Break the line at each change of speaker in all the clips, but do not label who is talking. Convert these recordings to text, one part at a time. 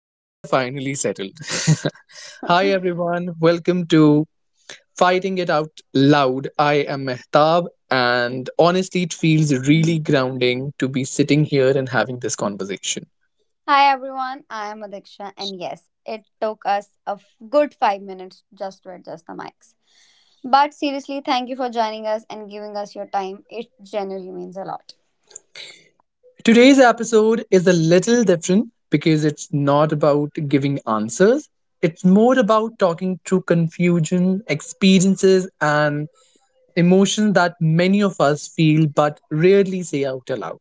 I think we are finally settled. Hi, everyone. Welcome to Fighting It Out Loud. I am Mehtab, and honestly, it feels really grounding to be sitting here and having this conversation.
Hi everyone, I am Adiksha, and yes, it took us a good 5 minutes just to adjust the mics. But seriously, thank you for joining us and giving us your time. It genuinely means a lot.
Today's episode is a little different because it's not about giving answers. It's more about talking through confusion, experiences, and emotions that many of us feel but rarely say out aloud.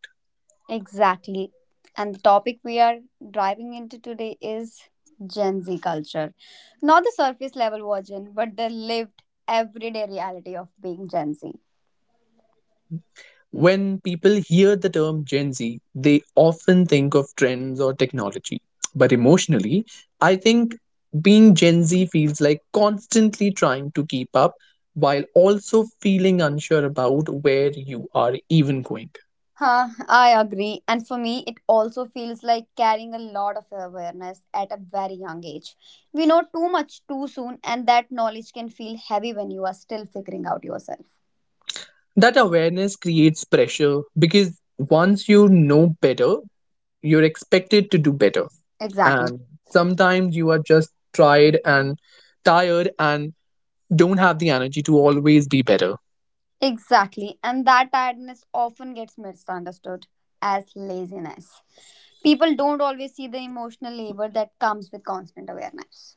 Exactly. And the topic we are driving into today is Gen Z culture. Not the surface level version, but the lived, everyday reality of being Gen Z.
When people hear the term Gen Z, they often think of trends or technology. But emotionally, I think being Gen Z feels like constantly trying to keep up while also feeling unsure about where you are even going.
I agree. And for me, it also feels like carrying a lot of awareness at a very young age. We know too much too soon, and that knowledge can feel heavy when you are still figuring out yourself.
That awareness creates pressure because once you know better, you're expected to do better,
Exactly.
and sometimes you are just tired and tired and don't have the energy to always be better.
Exactly. And that tiredness often gets misunderstood as laziness. People don't always see the emotional labor that comes with constant awareness.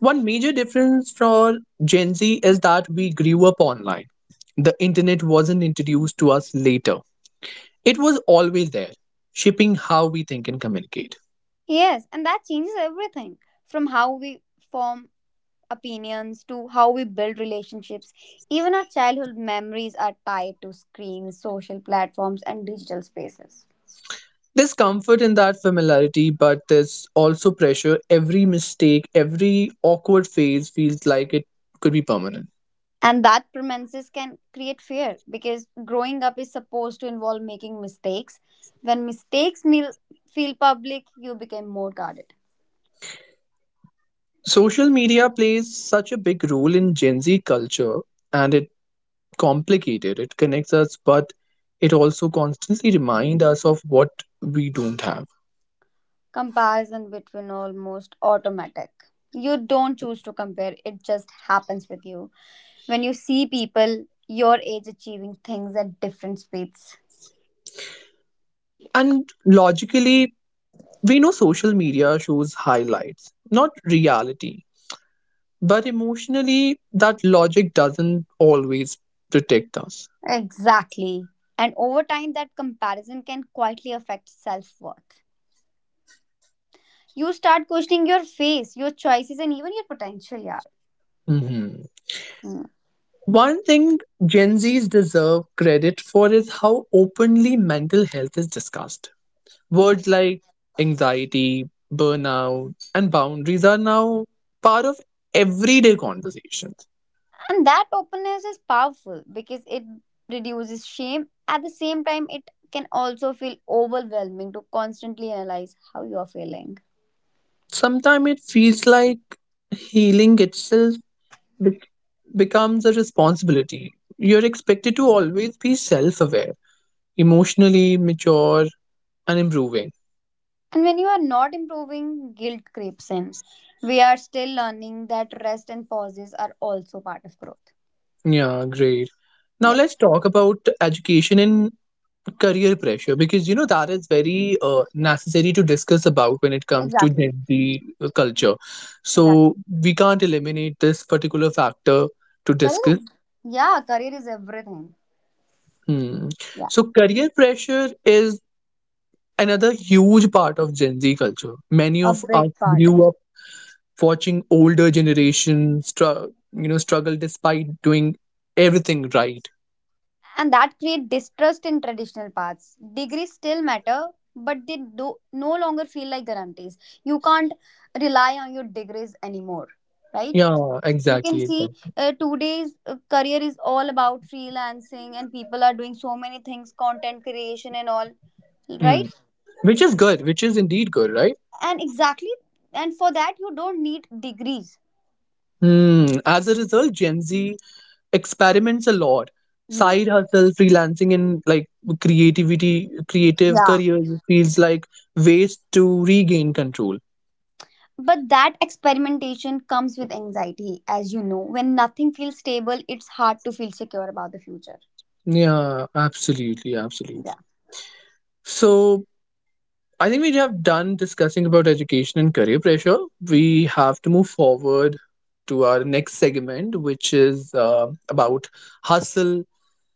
One major difference for Gen Z is that we grew up online. The internet wasn't introduced to us later, it was always there, shaping how we think and communicate.
Yes, and that changes everything from how we form opinions to how we build relationships. Even our childhood memories are tied to screens, social platforms, and digital spaces.
There's comfort in that familiarity, but there's also pressure. Every mistake, every awkward phase feels like it could be permanent.
And that premises can create fear because growing up is supposed to involve making mistakes. When mistakes feel public, you become more guarded.
Social media plays such a big role in Gen Z culture, and it complicated. It connects us, but it also constantly reminds us of what we don't have.
Comparison between almost automatic. You don't choose to compare, it just happens with you. When you see people your age achieving things at different speeds,
And logically, we know social media shows highlights, not reality. But emotionally, that logic doesn't always protect us.
exactly. And over time, that comparison can quietly affect self worth. You start questioning your face, your choices, and even your potential, yeah.
Mhm.
Mm.
One thing Gen Zs deserve credit for is how openly mental health is discussed. Words like anxiety, burnout, and boundaries are now part of everyday conversations.
And that openness is powerful because it reduces shame. At the same time, it can also feel overwhelming to constantly analyze how you are feeling.
Sometimes it feels like healing itself be- becomes a responsibility. You're expected to always be self aware, emotionally mature, and improving.
And when you are not improving, guilt creeps in. We are still learning that rest and pauses are also part of growth.
Yeah, great. Now
Yeah,
let's talk about education in career pressure, because you know that is very necessary to discuss about when it comes to
exactly.
Gen Z culture.
Exactly.
So we can't eliminate this particular factor to
Career
discuss.
is, yeah, career is everything.
Hmm.
Yeah,
So career pressure is another huge part of Gen Z culture. Many
a
of
big
us
part.
grew up watching older generation you know struggle despite doing everything right.
And that create distrust in traditional paths. Degrees still matter, but they do no longer feel like guarantees. You can't rely on your degrees anymore, right?
Yeah,
You can
exactly.
see today's career is all about freelancing, and people are doing so many things, content creation and all, right?
Hmm. Which is good, which is indeed good, right?
And exactly, and for that you don't need degrees.
Hmm. As a result, Gen Z experiments a lot.
Mhm.
Side hustle, freelancing, and like creativity, creative
Yeah,
career feels like ways to regain control.
but that experimentation comes with anxiety, as you know. When nothing feels stable, it's hard to feel secure about the future.
Yeah, absolutely, absolutely.
Yeah.
So I think we have done discussing about education and career pressure. We have to move forward to our next segment, which is about hustle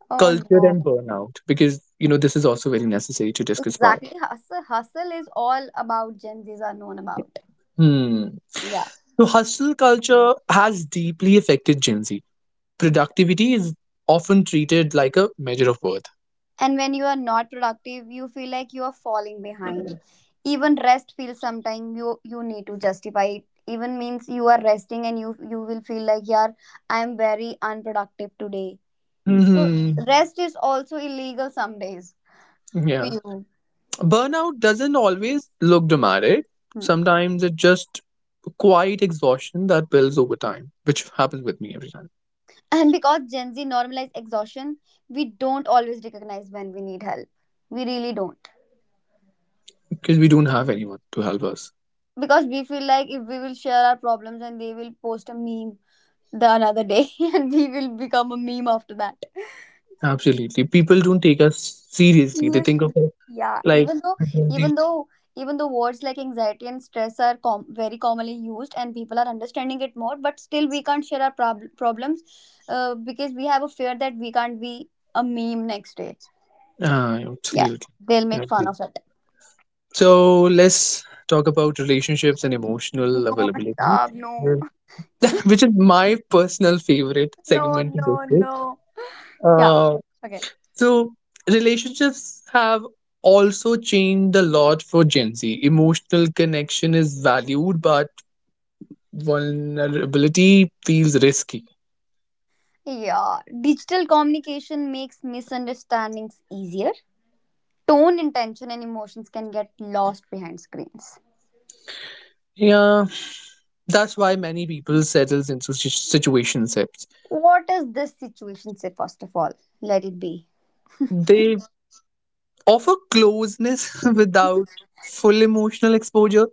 Oh
culture
no.
and burnout, because you know this is also very necessary to discuss about.
Exactly. Hustle is all about Gen Z's are known about.
Hmm.
Yeah.
So, hustle culture has deeply affected Gen Z. Productivity is often treated like a measure of worth.
And when you are not productive, you feel like you are falling behind. Even rest feels sometimes you need to justify it. Even means you are resting and you will feel like yeah, I am very unproductive today. So
Hmm.
rest is also illegal some days for
Yeah.
you.
Burnout doesn't always look dramatic.
Hmm.
Sometimes it's just quiet exhaustion that builds over time, which happens with me every time,
And because Gen Z normalized exhaustion, we don't always recognize when we need help. We really don't.
because we don't have anyone to help us.
Because we feel like if we will share our problems and they will post a meme the another day and we will become a meme after that.
Absolutely. People don't take us seriously. They think of
Seriously.
us
Yeah.
like,
Even though even though words like anxiety and stress are very commonly used and people are understanding it more, but still we can't share our problems because we have a fear that we can't be a meme next day.
ah,
Yeah.
absolutely.
They'll
Yeah.
make fun
Okay.
of it.
So let's talk about relationships and emotional
No,
availability,
Pratap, no.
uh, which is my personal favorite
No,
segment to
no,
discuss.
no. Yeah.
Uh,
Okay.
so relationships have also changed a lot for Gen Z. Emotional connection is valued, but vulnerability feels risky.
Yeah. Digital communication makes misunderstandings easier. Tone, intention, and emotions can get lost behind screens.
Yeah, that's why many people settles into situationships.
What is this situation say, first of all? Let it be.
They offer closeness without full emotional exposure.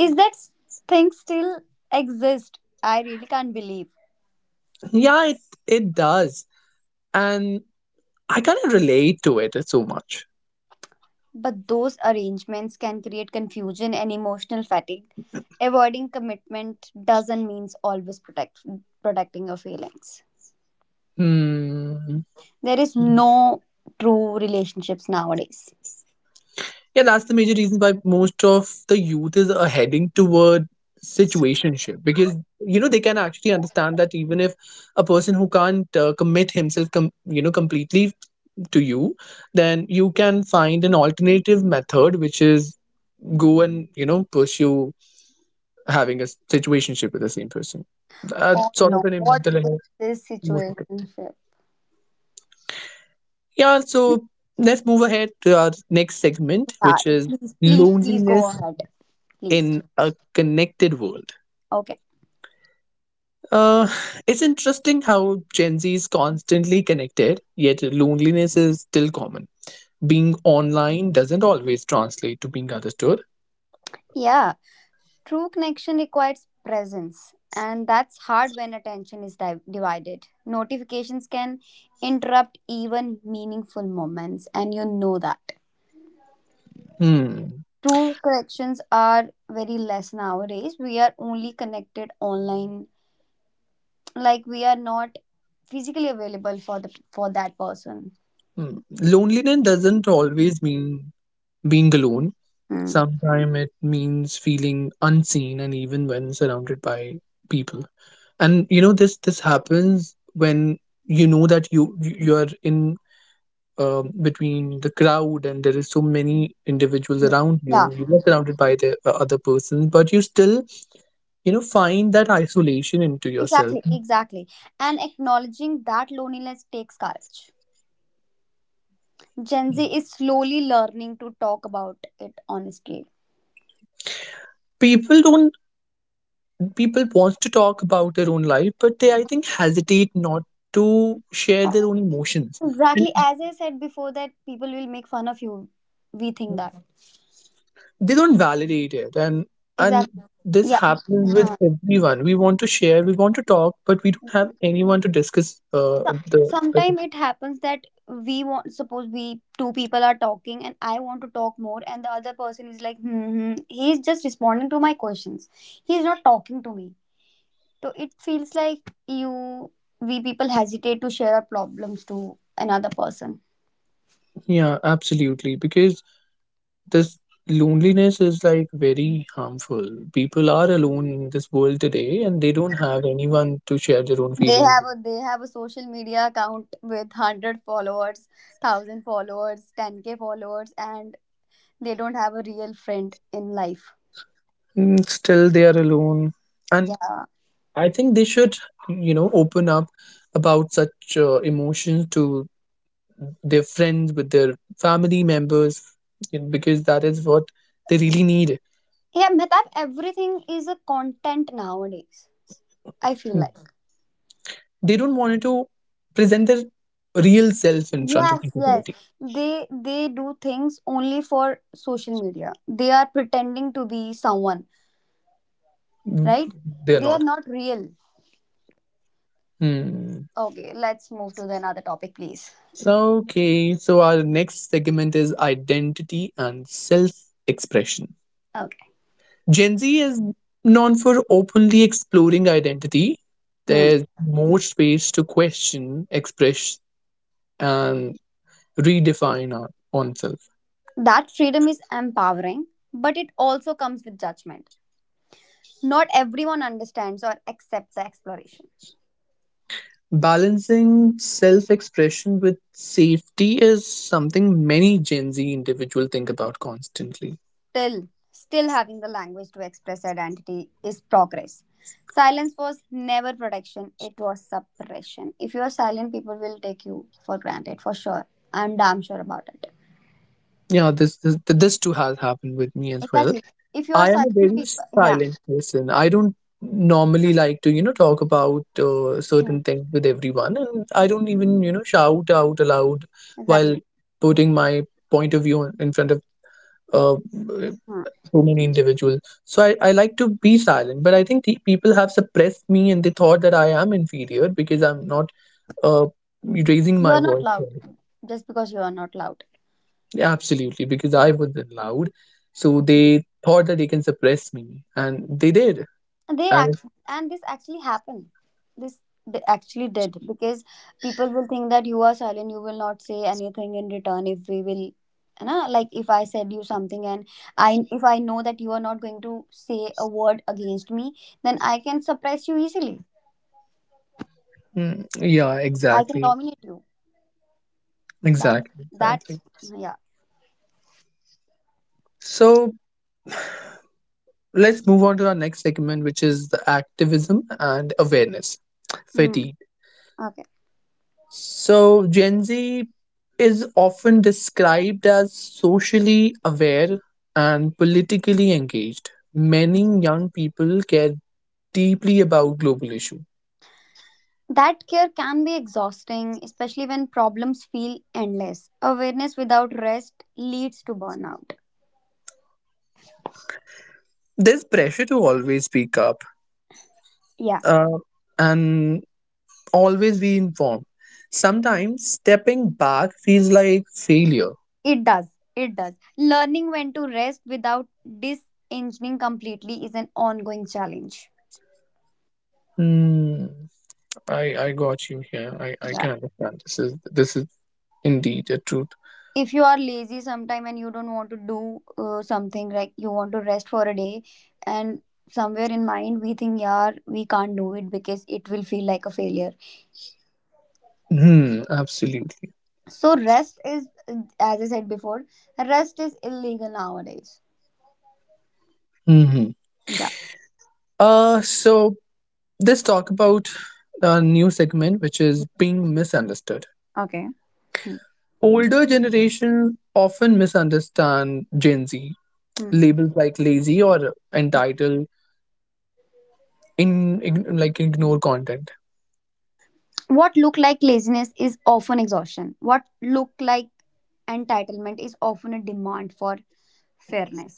Is that s- Thing still exist? I really can't believe.
Yeah, it does. And I kind of relate to it so much.
But those arrangements can create confusion and emotional fatigue. Avoiding commitment doesn't mean always protecting your feelings.
Hmm.
There is no true relationships nowadays.
Yeah, that's the major reason why most of the youth is heading toward situationship, because you know they can actually understand that even if a person who can't commit himself you know completely to you, then you can find an alternative method, which is go and you know pursue having a situationship with the same person. That
Oh
sort of
no,
an
what
mental
is
and
this situation?
emotional. Yeah, so let's move ahead to our next segment,
Yeah,
which is
please, please, please go
loneliness
ahead. Please.
in a connected world.
Okay.
Uh, it's interesting how Gen Z is constantly connected, yet loneliness is still common. Being online doesn't always translate to being understood.
Yeah, true connection requires presence, and that's hard when attention is divided. Notifications can interrupt even meaningful moments, and you know that.
Hmm.
True connections are very less nowadays. We are only connected online like we are not physically available for the for that person.
Hmm. Loneliness doesn't always mean being alone.
Hmm.
Sometimes it means feeling unseen and even when surrounded by people. And you know this happens when you know that you're in between the crowd, and there is so many individuals
Hmm.
around you,
Yeah,
you are surrounded by the other persons, but you still you know find that isolation into yourself.
exactly, exactly. And acknowledging that loneliness takes courage. Gen Z is slowly learning to talk about it honestly.
People don't, people want to talk about their own life, but they I think hesitate not to share their own emotions. And
Exactly, as I said before, that people will make fun of you. We think that
they don't validate it, and
exactly,
this
yeah.
happens with
Hmm.
everyone. We want to share, we want to talk, but we don't have anyone to discuss the,
Sometimes it happens that we want, suppose we two people are talking and I want to talk more and the other person is like hmm, hmm. He is just responding to my questions, he is not talking to me. So it feels like you, we people hesitate to share our problems to another person.
yeah absolutely, because this loneliness is like very harmful. People are alone in this world today, and they don't have anyone to share their own
they
feelings.
have a they have a social media account with 100 followers, 1,000 followers, 10K followers, and they don't have a real friend in life.
Mm, still they are alone. And
Yeah.
I think they should you know open up about such emotions to their friends, with their family members, you know, because that is what they really need.
Yeah, Mehtab, everything is a content nowadays. I feel
They
like.
don't want to present their real self in front of the
Yes, yes.
society.
They do things only for social media. They are pretending to be someone,
Mm,
right?
they're
They are
not.
not real.
Hmm.
Okay, let's move to the another topic, please.
So, okay, so our next segment is identity and self expression.
Okay.
Gen Z is known for openly exploring identity.
Hmm.
There's more space to question, express, and redefine our own self.
That freedom is empowering, but it also comes with judgment. Not everyone understands or accepts the exploration.
Balancing self expression with safety is something many Gen Z individuals think about constantly.
Still, still having the language to express identity is progress. Silence was never protection, it was suppression. If you are silent, people will take you for granted, for sure. I'm damn sure about it.
Yeah, this too has happened with me as well.
Exactly, if you are
I am a
silent
very
people, yeah.
silent person. I don't normally like to you know talk about
Hmm,
certain things with everyone, and I don't even you know shout out aloud while
exactly.
putting my point of view in front of uh,
Hmm.
so many individuals. So I like to be silent, but I think the people have suppressed me and they thought that I am inferior because I'm not uh, raising
You
my
are not
voice.
loud, just because you are not loud.
Yeah, absolutely, because I wasn't loud. So they thought that they can suppress me, and they did.
They
And
act, and this actually happened. this Actually did because people will think that you are silent, you will not say anything in return. If we will You know, like if I said you something, and I, if I know that you are not going to say a word against me, then I can suppress you easily.
mm, yeah,
I can
exactly,
dominate you. that
exactly,
that
exactly.
Yeah.
So let's move on to our next segment, which is the activism and awareness
Hmm.
fatigue.
Okay.
So, Gen Z is often described as socially aware and politically engaged. Many young people care deeply about global issues.
That care can be exhausting, especially when problems feel endless. Awareness without rest leads to burnout.
There's pressure to always speak up,
Yeah.
uh, and always be informed. Sometimes stepping back feels like failure.
It does. It does. Learning when to rest without disengaging completely is an ongoing challenge.
Hmm, I got you here. I
Yeah.
can understand. This is indeed a truth.
If you are lazy sometime and you don't want to do something, like you want to rest for a day, and somewhere in mind we think, yeah, we can't do it because it will feel like a failure.
Hmm, absolutely.
So rest is, as I said before, rest is illegal nowadays.
Hmm.
Yeah.
So Let's talk about a new segment, which is being misunderstood.
Okay. Hmm.
Older generation often misunderstand Gen Z.
Hmm.
Labels like lazy or entitled like ignore content.
What look like laziness is often exhaustion. What look like entitlement is often a demand for fairness.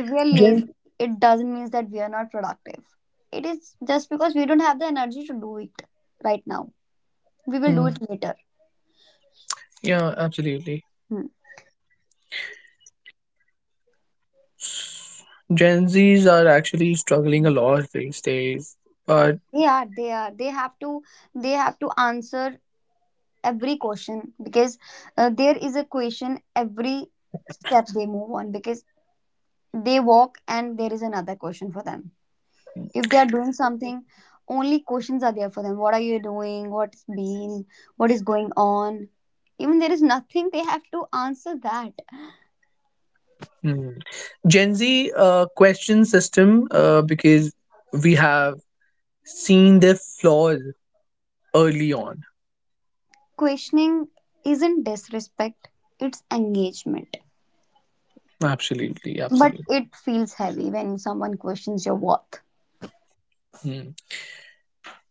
If we are lazy,
Gen,
it doesn't mean that we are not productive. It is just because we don't have the energy to do it right now. We will do
mm,
it later.
yeah, absolutely.
Hmm.
Gen Zs are actually struggling a lot these days, but
they are they are they have to, they have to answer every question because there is a question every step they move on, because they walk and there is another question for them. If they are doing something, only questions are there for them. What are you doing, what's been, what is going on? Even there is nothing, they have to answer that.
mm, Gen Z question system because we have seen their flaws early on.
Questioning isn't disrespect, it's engagement.
Absolutely,
But
absolutely.
it feels heavy when someone questions your worth.
Mm.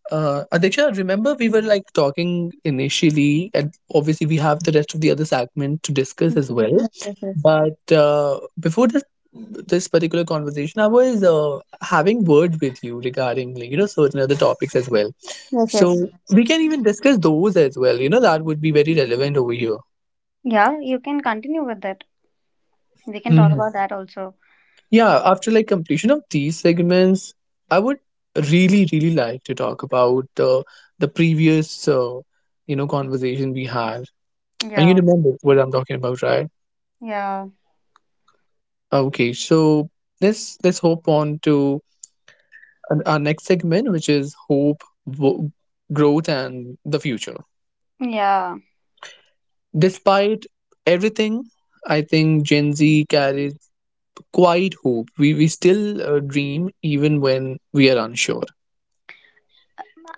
Adiksha, remember we were like talking initially, and obviously we have the rest of the other segment to discuss as well.
Yes, yes, yes.
But before this particular conversation, I was having words with you regarding like, you know certain other topics as well.
Yes, yes.
So we can even discuss those as well. You know that would be very relevant over here.
Yeah, you can continue with that. We can talk
Hmm.
about that also.
Yeah, after like completion of these segments, I would really really like to talk about the previous you know conversation we had. And you
Yeah,
remember what I'm talking about, right?
yeah,
Okay, so let's hop on to our next segment, which is hope growth and the future.
yeah.
Despite everything, I think Gen Z carries quite hope. We still dream even when we are unsure.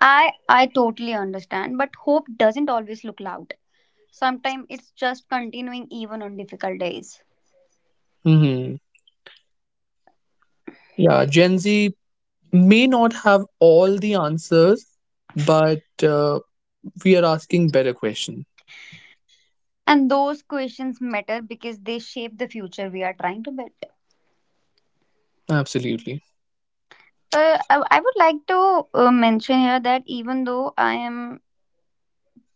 I totally understand, but hope doesn't always look loud. Sometimes it's just continuing even on difficult days.
Hmm. Yeah, Gen Z may not have all the answers, but we are asking better questions.
And those questions matter because they shape the future we are trying to build.
Absolutely.
I would like to mention here that even though I am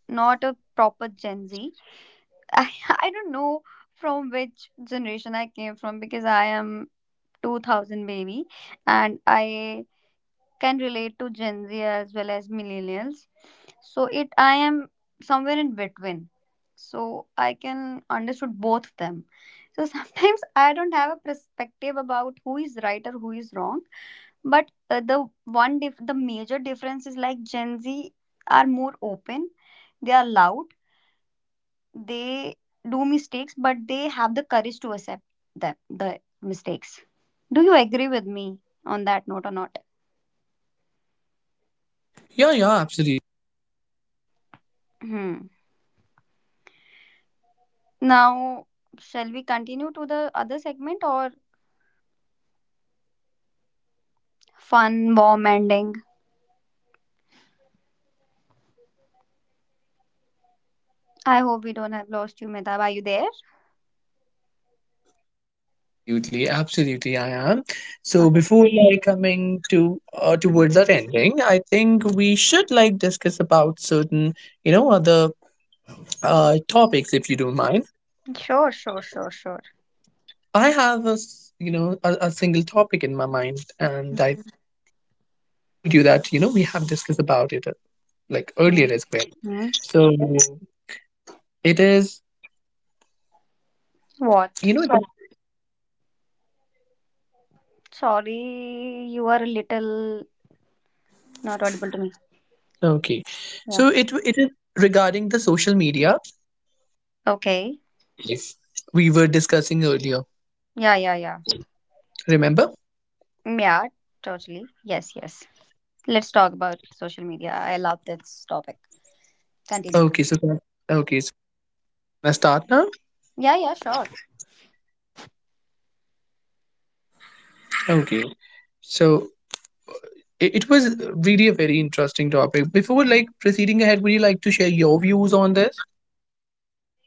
not a proper Gen Z, I, I don't know from which generation I came from, because I am 2000 baby and I can relate to Gen Z as well as millennials. So it, I am somewhere in between. So I can understood both of them. So sometimes I don't have a perspective about who is right or who is wrong. But the one the major difference is like Gen Z are more open. They are loud. They do mistakes, but they have the courage to accept them the mistakes. Do you agree with me on that note or not?
Yeah, yeah,
Hmm. Now, shall we continue to the other segment or fun, warm ending? I hope we don't have lost you, Metab. Are you there?
absolutely, absolutely. I am.
Okay.
So before like coming to towards that ending, I think we should like discuss about certain you know other topics if you don't mind.
Sure, sure, sure, sure.
I have a you know a single topic in my mind, and I told you that you know we have discussed about it like earlier as well.
Hmm.
So it is
What?
you know.
Sorry, you are a little not audible to me.
Okay.
Yeah.
So it is regarding the social media
Okay.
if we were discussing earlier.
Yeah, yeah, yeah.
Remember?
Mm, yeah, totally. Yes, yes. Let's talk about social media. I love this topic. Continue.
Okay. So okay. So can I start now?
Yeah, yeah, sure.
Okay. So it was really a very interesting topic. Before like proceeding ahead, would you like to share your views on this?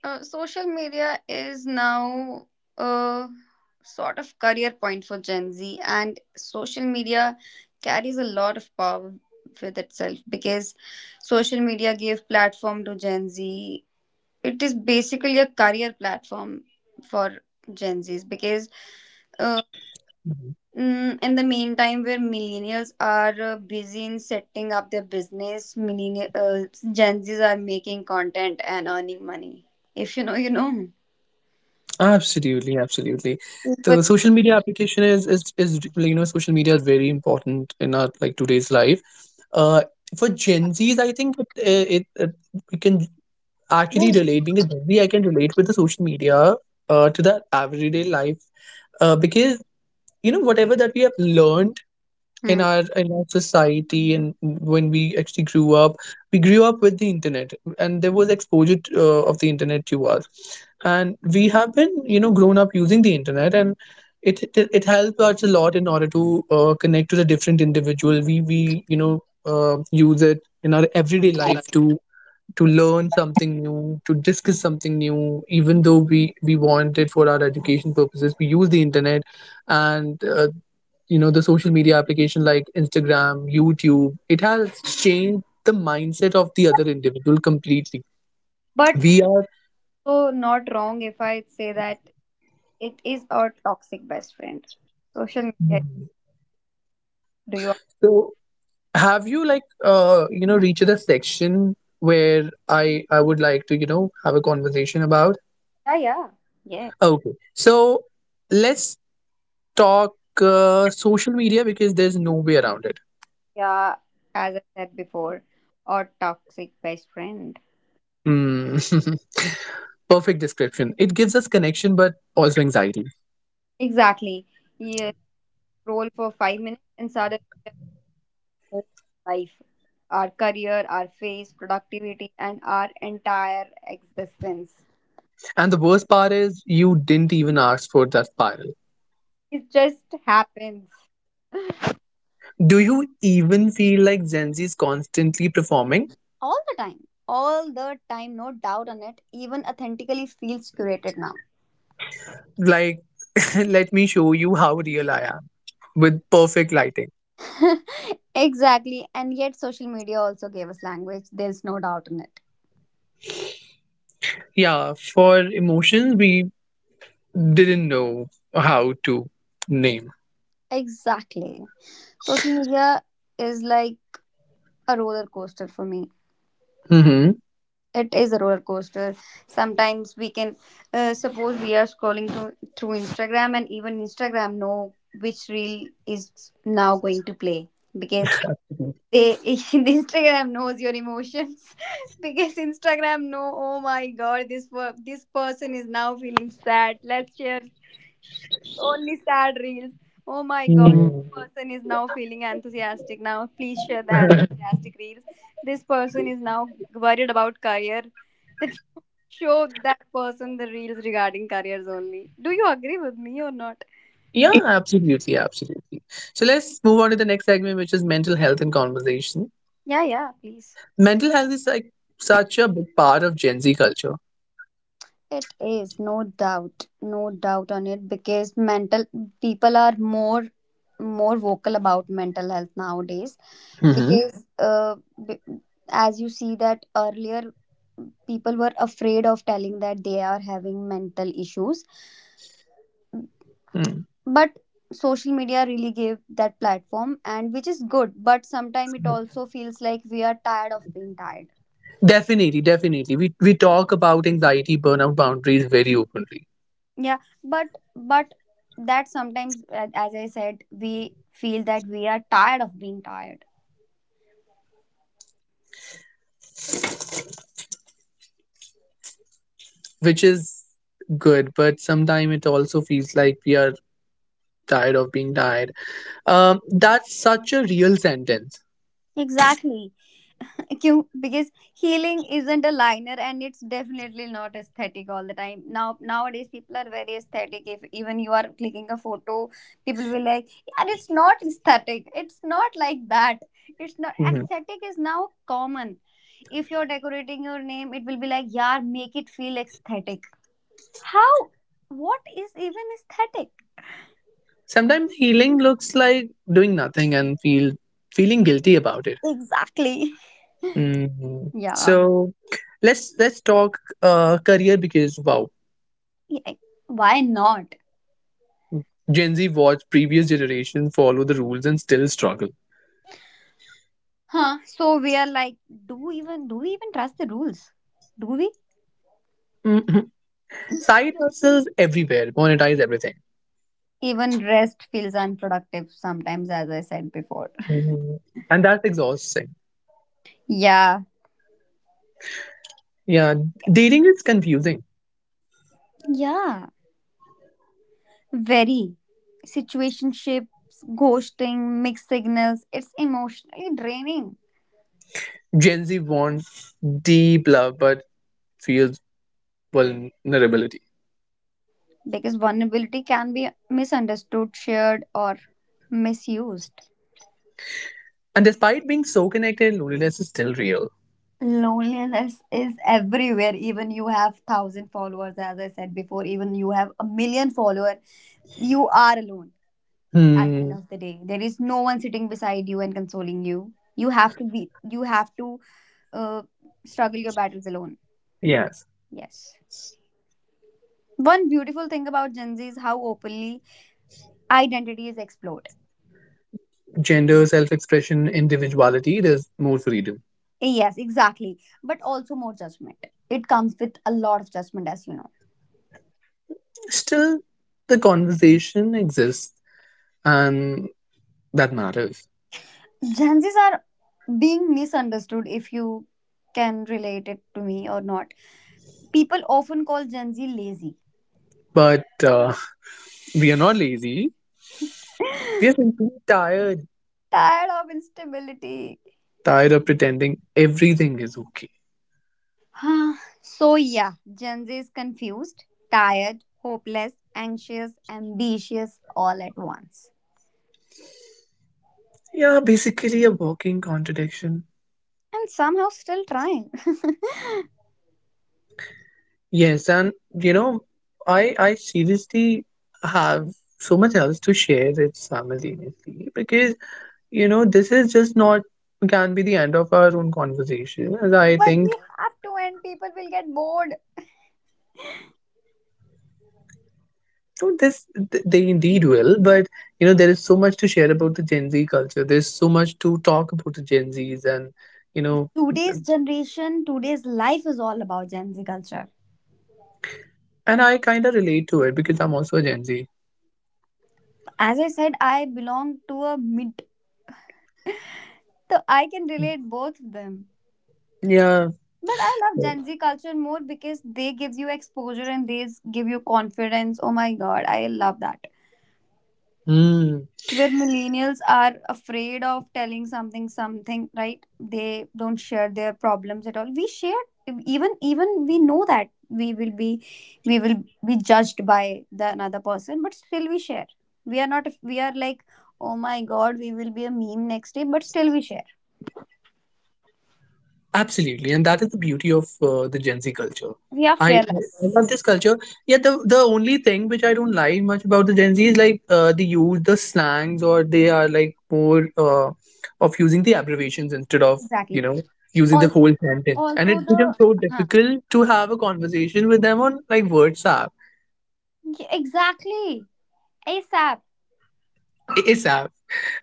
Social media is now a sort of career point for Gen Z, and social media carries a lot of power with itself because social media gave platform to Gen Z. It is basically a career platform for Gen Zs because uh, in the meantime, where millennials are busy in setting up their business, millennial Gen Zs are making content and earning money. If you know, you know.
Absolutely, absolutely.
But
The social media application is like, you know social media is very important in our like today's life. Uh, for Gen Zs, I think it, it, it we can actually relate. Being a Gen Z, I can relate with the social media to the everyday life, because you know whatever that we have learned in
hmm,
our society. And when we actually grew up, we grew up with the internet, and there was exposure to, of the internet to us, and we have been you know grown up using the internet. And it helped us a lot in order to connect to the different individual. We you know use it in our everyday life to learn something new, to discuss something new. Even though we want it for our education purposes, we use the internet. And you know, the social media application like Instagram, YouTube, it has changed the mindset of the other individual completely.
but
We are.
so, not wrong if I say that it is a toxic best friend. Social media. Do you?
So have you like you know reached the section where I would like to you know have a conversation about?
Yeah, yeah, yeah,
Okay, so let's talk social media, because there's no way around it.
yeah. As I said before, a toxic best friend.
Hmm. Perfect description. It gives us connection but also anxiety.
Exactly. Yeah. Roll for 5 minutes and suddenly your whole life, our career, our face, productivity, and our entire existence.
And the worst part is you didn't even ask for that spiral.
It just happens.
Do you even feel like Gen Z is constantly performing?
All the time, all the time, no doubt on it. Even authentically feels curated now.
Like, let me show you how real I am with perfect lighting.
Exactly, and yet social media also gave us language. There's no doubt on it.
Yeah, for emotions, we didn't know how to name.
Exactly. Social media is like a roller coaster for me.
Hmm.
It is a roller coaster. Sometimes we can, suppose we are scrolling through Instagram, and even Instagram know which reel is now going to play, because they Instagram knows your emotions. Because Instagram know. Oh my God, this person is now feeling sad. Let's share only sad reels. Oh my God, this
Mm.
person is now feeling enthusiastic. Now please share the enthusiastic reels. This person is now worried about career. Let's show that person the reels regarding careers only. Do you agree with me or not?
Yeah, absolutely, absolutely. So let's move on to the next segment, which is mental health and conversation.
Yeah, yeah, please.
Mental health is like such a big part of Gen Z culture.
It is no doubt, no doubt on it, because mental people are more vocal about mental health nowadays,
Mm-hmm.
because b- as you see that earlier, people were afraid of telling that they are having mental issues, but social media really gave that platform, and which is good, but sometimes it also feels like we are tired of being tired.
Definitely, definitely. We talk about anxiety, burnout, boundaries very openly,
Yeah, but but that sometimes, as I said, we feel that we are tired of being tired.
which is good, but sometimes it also feels like we are tired of being tired. That's such a real sentence.
Exactly. Because healing isn't a liner, and it's definitely not aesthetic all the time. Now nowadays people are very aesthetic. If even you are clicking a photo, people will like, yeah, it's not aesthetic, it's not like that. It's not
Mhm.
aesthetic is now common. If you're decorating your name, it will be like, yeah, make it feel aesthetic. How? What is even aesthetic?
Sometimes healing looks like doing nothing and feeling guilty about it.
Exactly.
Mhm.
Yeah.
So let's talk career, because wow,
Yeah. Why not?
Gen Z watched previous generation follow the rules and still struggle.
Huh? So we are like, do even do we even trust the rules? Do we?
Mhm. Side hustles everywhere, monetize everything.
Even rest feels unproductive sometimes, as I said before.
Mhm. And that's exhausting.
Yeah.
Yeah, dating is confusing.
Yeah. Very. Situationships, ghosting, mixed signals. It's emotionally draining,
Gen Z wants deep love but feels vulnerability.
because vulnerability can be misunderstood, shared, or misused.
And despite being so connected, loneliness is still real.
Loneliness is everywhere. Even you have thousand followers, as I said before, even you have a million followers, you are alone at the end
Hmm.
of the day. There is no one sitting beside you and consoling you. You have to be. You have to, uh, struggle your battles alone.
Yes.
Yes. One beautiful thing about Gen Z is how openly identity is explored.
Gender, self expression, individuality, there's more freedom.
Yes, exactly. But also more judgment. It comes with a lot of judgment, as you know.
Still, the conversation exists, and that matters.
Gen Zs are being misunderstood, if you can relate it to me or not. People often call Gen Z lazy,
But we are not lazy. We are simply tired,
tired of instability.
tired of pretending everything is okay.
Huh. So, yeah, Gen Z is confused, tired, hopeless, anxious, ambitious all at once.
Yeah, basically a walking contradiction.
And somehow still trying. But
Yes, and you know, I seriously have so much else to share it simultaneously, because you know this is just not can be the end of our own conversation. As I think.
we have to, and people will get bored.
So this they indeed will, but you know there is so much to share about the Gen Z culture. There's so much to talk about the Gen Zs, and you know,
Today's generation, today's life is all about Gen Z culture.
and I kind of relate to it because I'm also a Gen Z.
As I said, I belong to a mid, so I can relate both of them.
Yeah,
But I love Gen Z culture more because they gives you exposure and they give you confidence. Oh my god, I love that.
sure.
Where millennials are afraid of telling something something, right? They don't share their problems at all. We share, even we know that we will be we will be judged by the another person, but still we share. We are not, we are like, oh my god, we will be a meme next day, but still we share.
Absolutely, and that is the beauty of the Gen Z culture.
We are
I
fearless.
love this culture. Yeah, the only thing which I don't like much about the Gen Z is like they use the slangs, or they are like more of using the abbreviations instead of you
Exactly.
know using the whole
Also,
sentence. And
also
it becomes
the
so
huh.
difficult to have a conversation with them on like WhatsApp,
Yeah, exactly. ASAP.
ASAP,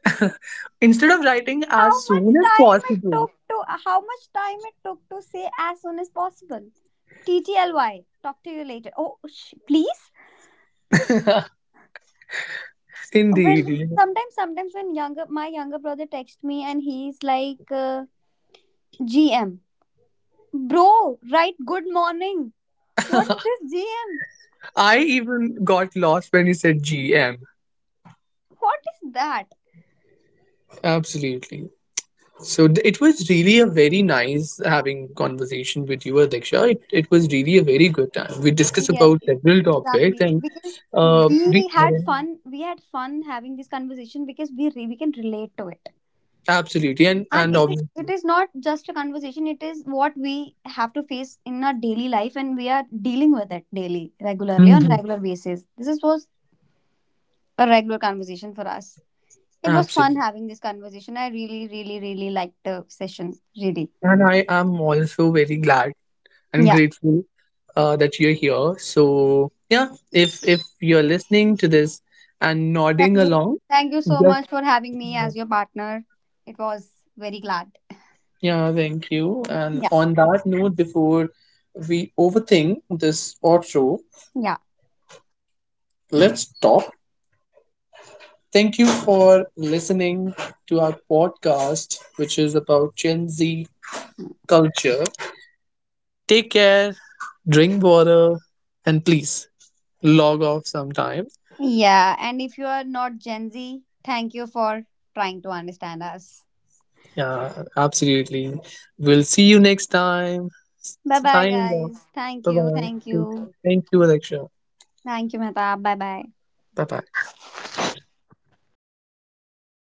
instead of writing
How
as soon
much
as
time it
possible.
took to say as soon as possible. TTLY. Talk to you later. Oh, please. When
Indeed.
sometimes when younger, my younger brother texts me and he's like, GM, bro, write good morning. What's this GM?
I even got lost when you said GM.
What is that?
Absolutely. So it was really a very nice having conversation with you, Adiksha. It was really a very good time. We discussed
Yes,
about several topics,
exactly.
and
Because
we
we had fun. We had fun having this conversation, because we can relate to it,
absolutely
and
and
it is,
obviously.
it is not just a conversation. It is what we have to face in our daily life, and we are dealing with it daily, regularly, on
Mhm.
regular basis. This was a regular conversation for us. It was
Absolutely.
fun having this conversation. I really, really, really liked the session. Really,
And I am also very glad and
yeah.
grateful that you're here. So yeah, if you're listening to this and
Thank
nodding
you,
along,
thank you so
just
much for having me
uh,
as your partner. It was very glad.
yeah, thank you. And
Yeah,
on that note, before we overthink this outro,
yeah.
let's stop. Thank you for listening to our podcast, which is about Gen Z culture. Take care, drink water, and please log off sometime.
Yeah, and if you are not Gen Z, thank you for trying to understand us.
Yeah, absolutely. We'll see you next time.
Bye bye,
Signing off.
guys. Thank
Bye
you.
bye.
Thank
Take
you.
care. Thank you, Alexa.
Thank you, Mehtab. Bye bye.
Bye bye.